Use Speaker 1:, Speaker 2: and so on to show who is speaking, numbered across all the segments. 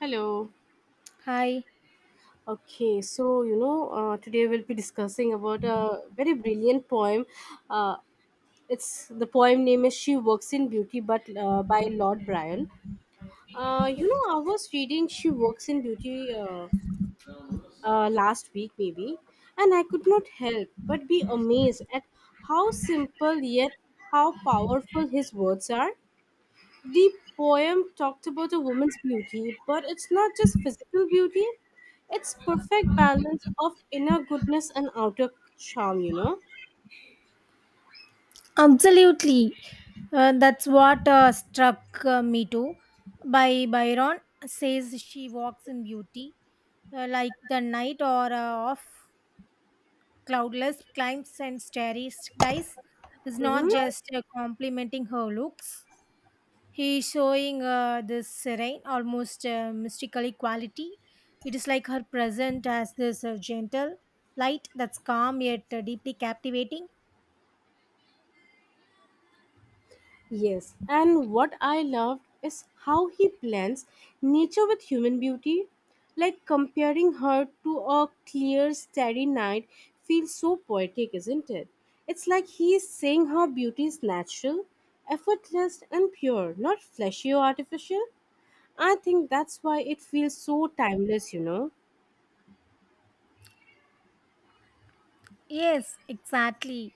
Speaker 1: Hello.
Speaker 2: Hi.
Speaker 1: Today we'll be discussing about a very brilliant poem. Uh, it's the poem name is "She Works in Beauty," but by Lord Byron. I was reading "She Works in Beauty" last week, maybe, and I could not help but be amazed at how simple yet how powerful his words are. The poem talked about a woman's beauty, but it's not just physical beauty, it's perfect balance of inner goodness and outer charm.
Speaker 2: Absolutely. That's what struck me too. By Byron says she walks in beauty, like the night or of cloudless climes and starry skies. Is not
Speaker 1: Hmm.
Speaker 2: just complimenting her looks. He's showing this serene, almost mystically quality. It is like her present as this gentle light that's calm yet deeply captivating.
Speaker 1: Yes, and what I loved is how he blends nature with human beauty. Like comparing her to a clear, starry night feels so poetic, isn't it? It's like he is saying how beauty is natural, effortless, and pure, not fleshy or artificial. I think that's why it feels so timeless, you know.
Speaker 2: Yes, exactly.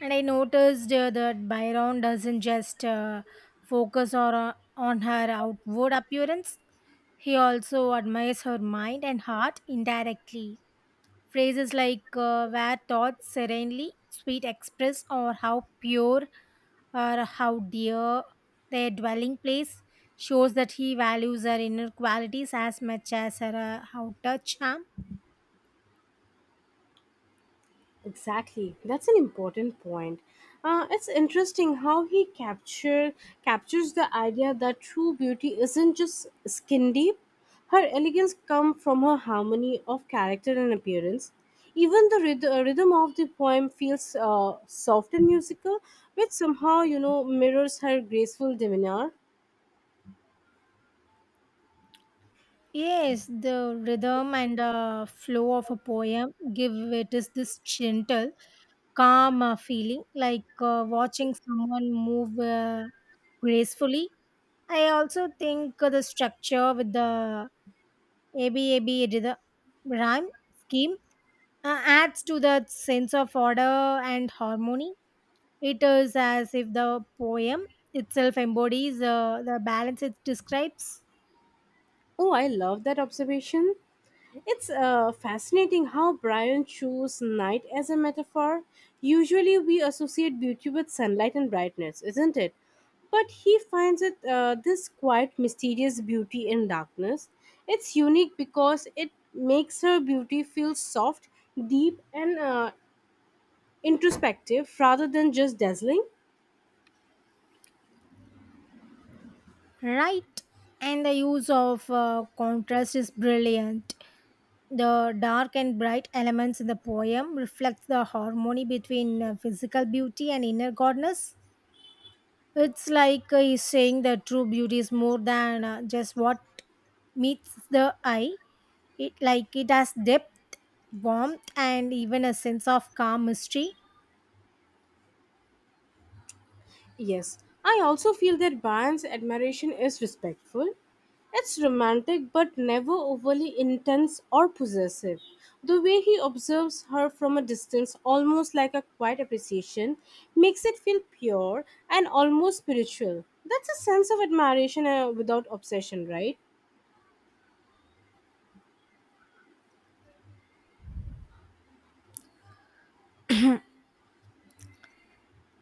Speaker 2: And I noticed that Byron doesn't just focus on her outward appearance, he also admires her mind and heart indirectly. Phrases like where taught serenely, sweet express, or how pure or how dear their dwelling place shows that he values her inner qualities as much as her outer charm.
Speaker 1: Exactly, that's an important point. It's interesting how he capture captures the idea that true beauty isn't just skin deep. Her elegance comes from her harmony of character and appearance. Even the rhythm of the poem feels soft and musical, which somehow mirrors her graceful demeanor.
Speaker 2: Yes, the rhythm and flow of a poem give it is this gentle, calm feeling, like watching someone move gracefully. I also think the structure with the ABAB rhythm rhyme scheme adds to that sense of order and harmony. It is as if the poem itself embodies the balance it describes.
Speaker 1: Oh, I love that observation. It's fascinating how Brian chose night as a metaphor. Usually, we associate beauty with sunlight and brightness, isn't it? But he finds it this quite mysterious beauty in darkness. It's unique because it makes her beauty feel soft, deep, and introspective rather than just dazzling.
Speaker 2: Right. And the use of contrast is brilliant. The dark and bright elements in the poem reflect the harmony between physical beauty and inner goodness. It's like he's saying that true beauty is more than just what meets the eye. It like it has depth, warmth, and even a sense of calm mystery.
Speaker 1: Yes, I also feel that Byron's admiration is respectful. It's romantic but never overly intense or possessive. The way he observes her from a distance, almost like a quiet appreciation, makes it feel pure and almost spiritual. That's a sense of admiration without obsession, right?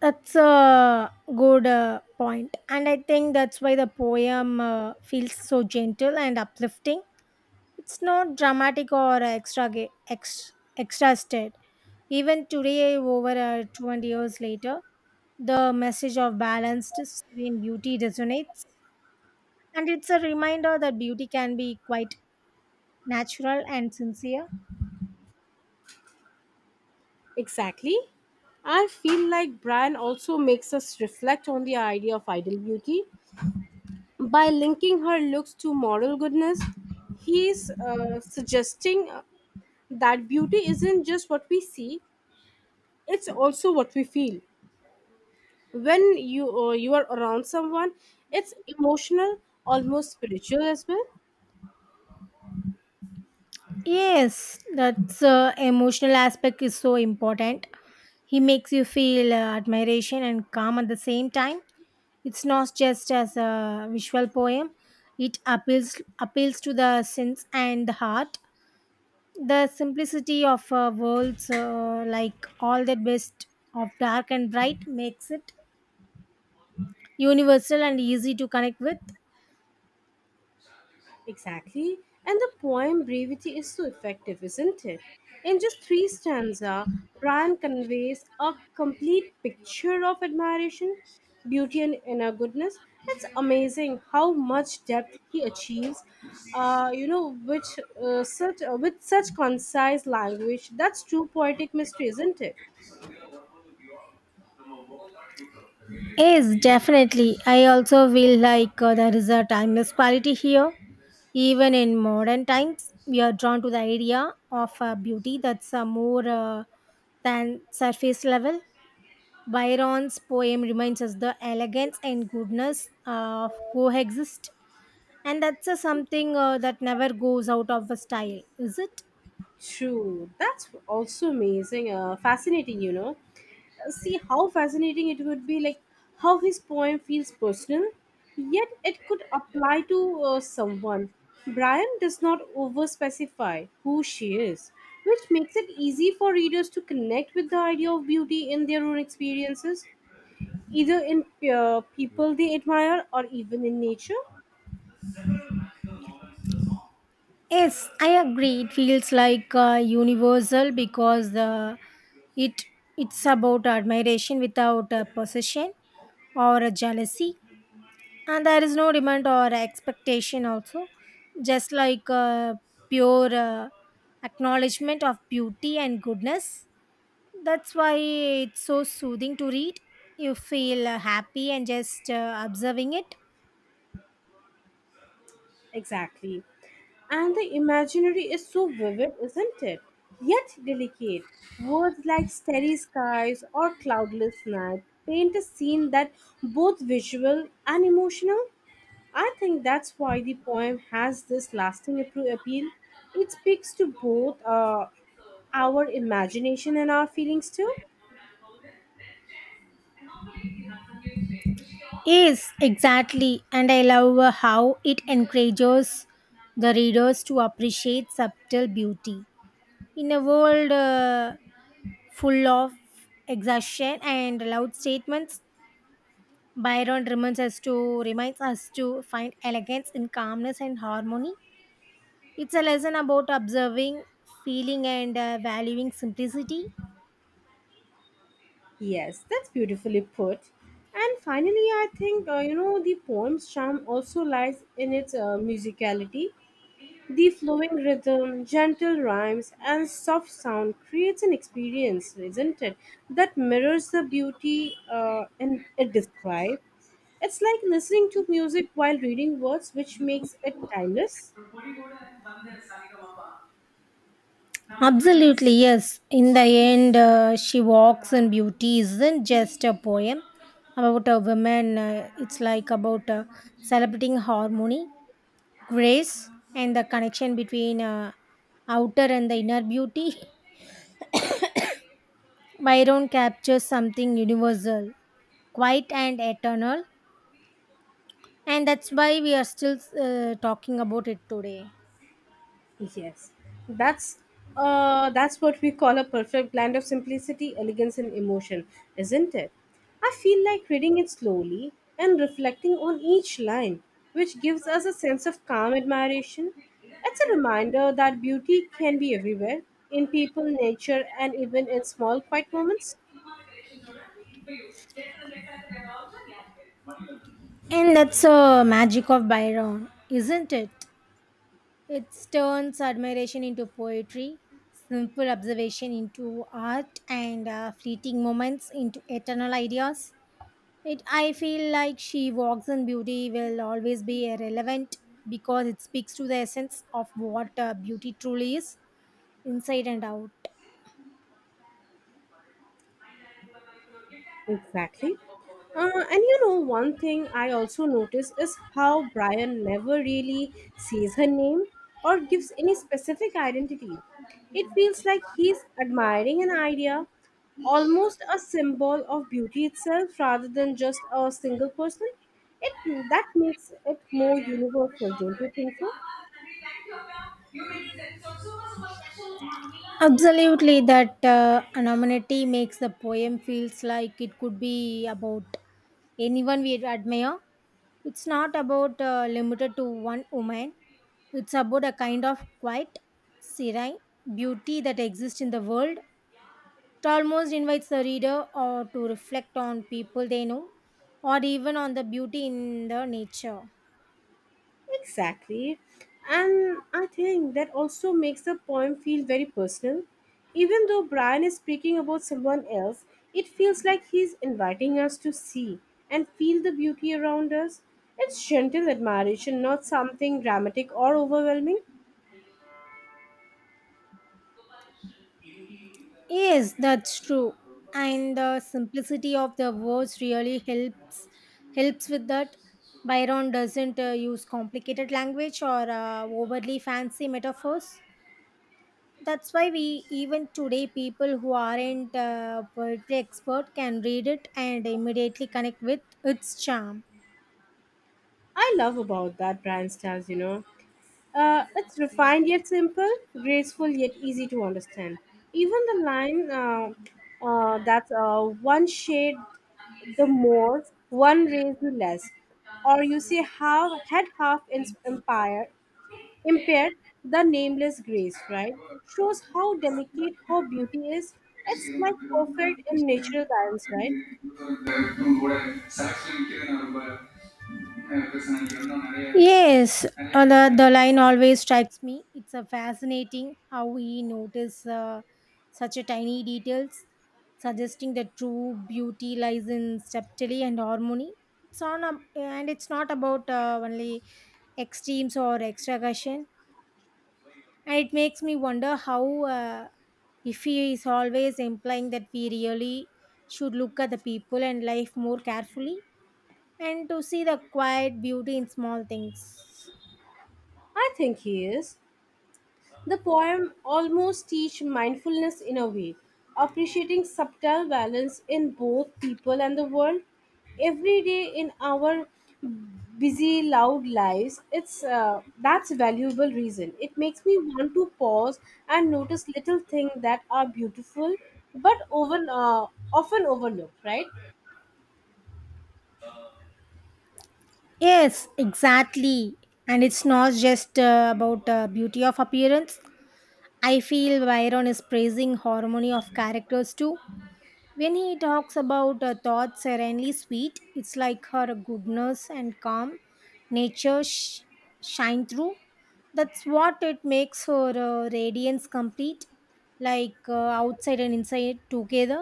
Speaker 2: That's a good point, and I think that's why the poem feels so gentle and uplifting. It's not dramatic or extra state. Even today, over 20 years later, the message of balanced, serene beauty resonates, and it's a reminder that beauty can be quite natural and sincere.
Speaker 1: Exactly. I feel like Brian also makes us reflect on the idea of ideal beauty. By linking her looks to moral goodness, he's suggesting that beauty isn't just what we see, it's also what we feel. When you are around someone, it's emotional, almost spiritual as well.
Speaker 2: Yes, that's emotional aspect is so important. He makes you feel admiration and calm at the same time. It's not just as a visual poem; it appeals to the sense and the heart. The simplicity of worlds like all that best of dark and bright makes it universal and easy to connect with.
Speaker 1: Exactly. And the poem brevity is so effective, isn't it? In just three stanza, Bran conveys a complete picture of admiration, beauty, and inner goodness. It's amazing how much depth he achieves. You know, which such with such concise language. That's true poetic mystery, isn't it?
Speaker 2: Yes, definitely. I also feel like there is a timeless quality here. Even in modern times we are drawn to the idea of beauty that's more than surface level. Byron's poem reminds us the elegance and goodness coexist. And that's a something that never goes out of a style, is it?
Speaker 1: True. That's also amazing. Fascinating. See how fascinating it would be, like how his poem feels personal, yet it could apply to someone. Brian does not over specify who she is, which makes it easy for readers to connect with the idea of beauty in their own experiences, either in people they admire or even in nature.
Speaker 2: Yes, I agree. It feels like universal because the it it's about admiration without a possession or a jealousy, and there is no demand or expectation. Also, just like pure acknowledgement of beauty and goodness. That's why it's so soothing to read. You feel happy and just observing it.
Speaker 1: Exactly. And the imaginary is so vivid, isn't it? Yet delicate. Words like starry skies or cloudless night paint a scene that both visual and emotional. I think that's why the poem has this lasting appeal. It speaks to both our imagination and our feelings too.
Speaker 2: Yes, exactly. And I love how it encourages the readers to appreciate subtle beauty. In a world full of exhaustion and loud statements, Byron reminds us to find elegance in calmness and harmony. It's a lesson about observing, feeling, and valuing simplicity.
Speaker 1: Yes, that's beautifully put. And finally, I think the poem's charm also lies in its musicality. The flowing rhythm, gentle rhymes, and soft sound creates an experience, isn't it? That mirrors the beauty and it describes. It's like listening to music while reading words, which makes it timeless.
Speaker 2: Absolutely, yes. In the end, She Walks in Beauty isn't just a poem about a woman, it's like about celebrating harmony, grace, and the connection between outer and the inner beauty. Byron captures something universal, quiet, and eternal, and that's why we are still talking about it today.
Speaker 1: Yes, that's that's what we call a perfect blend of simplicity, elegance, and emotion, isn't it? I feel like reading it slowly and reflecting on each line, which gives us a sense of calm admiration. It's a reminder that beauty can be everywhere in people, nature, and even in small, quiet moments.
Speaker 2: And that's the magic of Byron, isn't it? It turns admiration into poetry, simple observation into art, and fleeting moments into eternal ideas. I feel like She Walks in Beauty will always be relevant because it speaks to the essence of what beauty truly is, inside and out.
Speaker 1: Exactly. And one thing I also notice is how Brian never really says her name or gives any specific identity. It feels like he's admiring an idea, almost a symbol of beauty itself rather than just a single person. It That makes it more universal, don't you think so?
Speaker 2: Absolutely, that anonymity makes the poem feels like it could be about anyone we admire. It's not about limited to one woman. It's about a kind of quiet, serene beauty that exists in the world. It almost invites the reader or to reflect on people they know, or even on the beauty in the nature.
Speaker 1: Exactly. And I think that also makes the poem feel very personal. Even though Brian is speaking about someone else, it feels like he's inviting us to see and feel the beauty around us. It's gentle admiration, not something dramatic or overwhelming.
Speaker 2: Yes, that's true. And the simplicity of the words really helps with that. Byron doesn't use complicated language or overly fancy metaphors. That's why we even today people who aren't poetry expert can read it and immediately connect with its charm.
Speaker 1: I love about that Brian styles, you know. It's refined yet simple, graceful yet easy to understand. Even the line that's one shade the more one raised the less. Or you see how had half empire impaired the nameless grace, right? Shows how delicate her beauty is. It's like perfect in natural balance, right?
Speaker 2: Yes, the line always strikes me. It's a fascinating how we notice such a tiny details, suggesting that true beauty lies in subtlety and harmony. It's on, a, and it's not about only extremes or extravagation, and it makes me wonder how if he is always implying that we really should look at the people and life more carefully and to see the quiet beauty in small things.
Speaker 1: I think he is. The poem almost teach mindfulness in a way, appreciating subtle balance in both people and the world every day in our busy, loud lives, it's that's a valuable reason. It makes me want to pause and notice little things that are beautiful, but often overlooked. Right?
Speaker 2: Yes, exactly. And it's not just about beauty of appearance. I feel Byron is praising harmony of characters too. When he talks about her thoughts serenely sweet, it's like her goodness and calm nature sh- shine through. That's what it makes her radiance complete, like outside and inside together.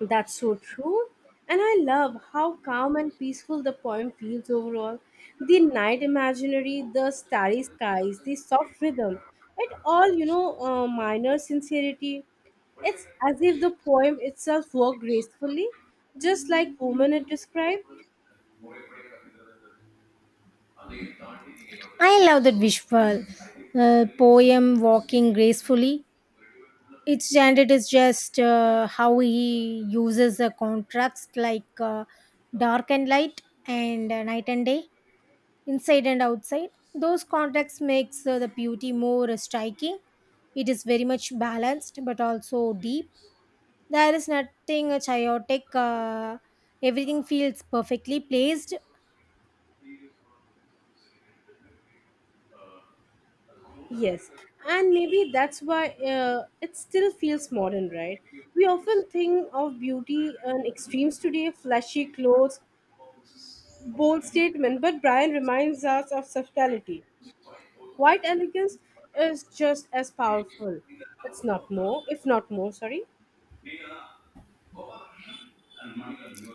Speaker 1: That's so true. And I love how calm and peaceful the poem feels overall. The night imaginary, the starry skies, the soft rhythm, it all, minor sincerity. It's as if the poem itself worked gracefully, just like woman it described.
Speaker 2: I love that visual. Poem walking gracefully. Its gender is just how he uses the contrast, like dark and light and night and day. Inside and outside, those contrasts makes the beauty more striking. It is very much balanced but also deep. There is nothing chaotic. Everything feels perfectly placed.
Speaker 1: Yes, and maybe that's why it still feels modern, right? We often think of beauty and extremes today flashy clothes, bold statement, but Brian reminds us of subtlety. Quiet elegance is just as powerful. It's not more, if not more, sorry.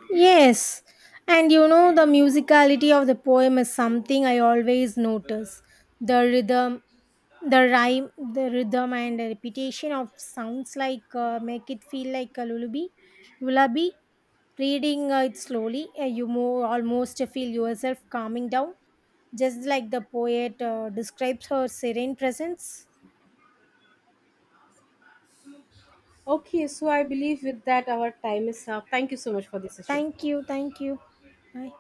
Speaker 2: Yes, and you know, the musicality of the poem is something I always notice. The rhythm, the rhyme, the rhythm, and the repetition of sounds like make it feel like a lullaby. Lullaby. Reading it slowly, almost feel yourself calming down, just like the poet describes her serene presence.
Speaker 1: Okay, so I believe with that our time is up. Thank you so much for this session.
Speaker 2: Thank you, thank you. Bye.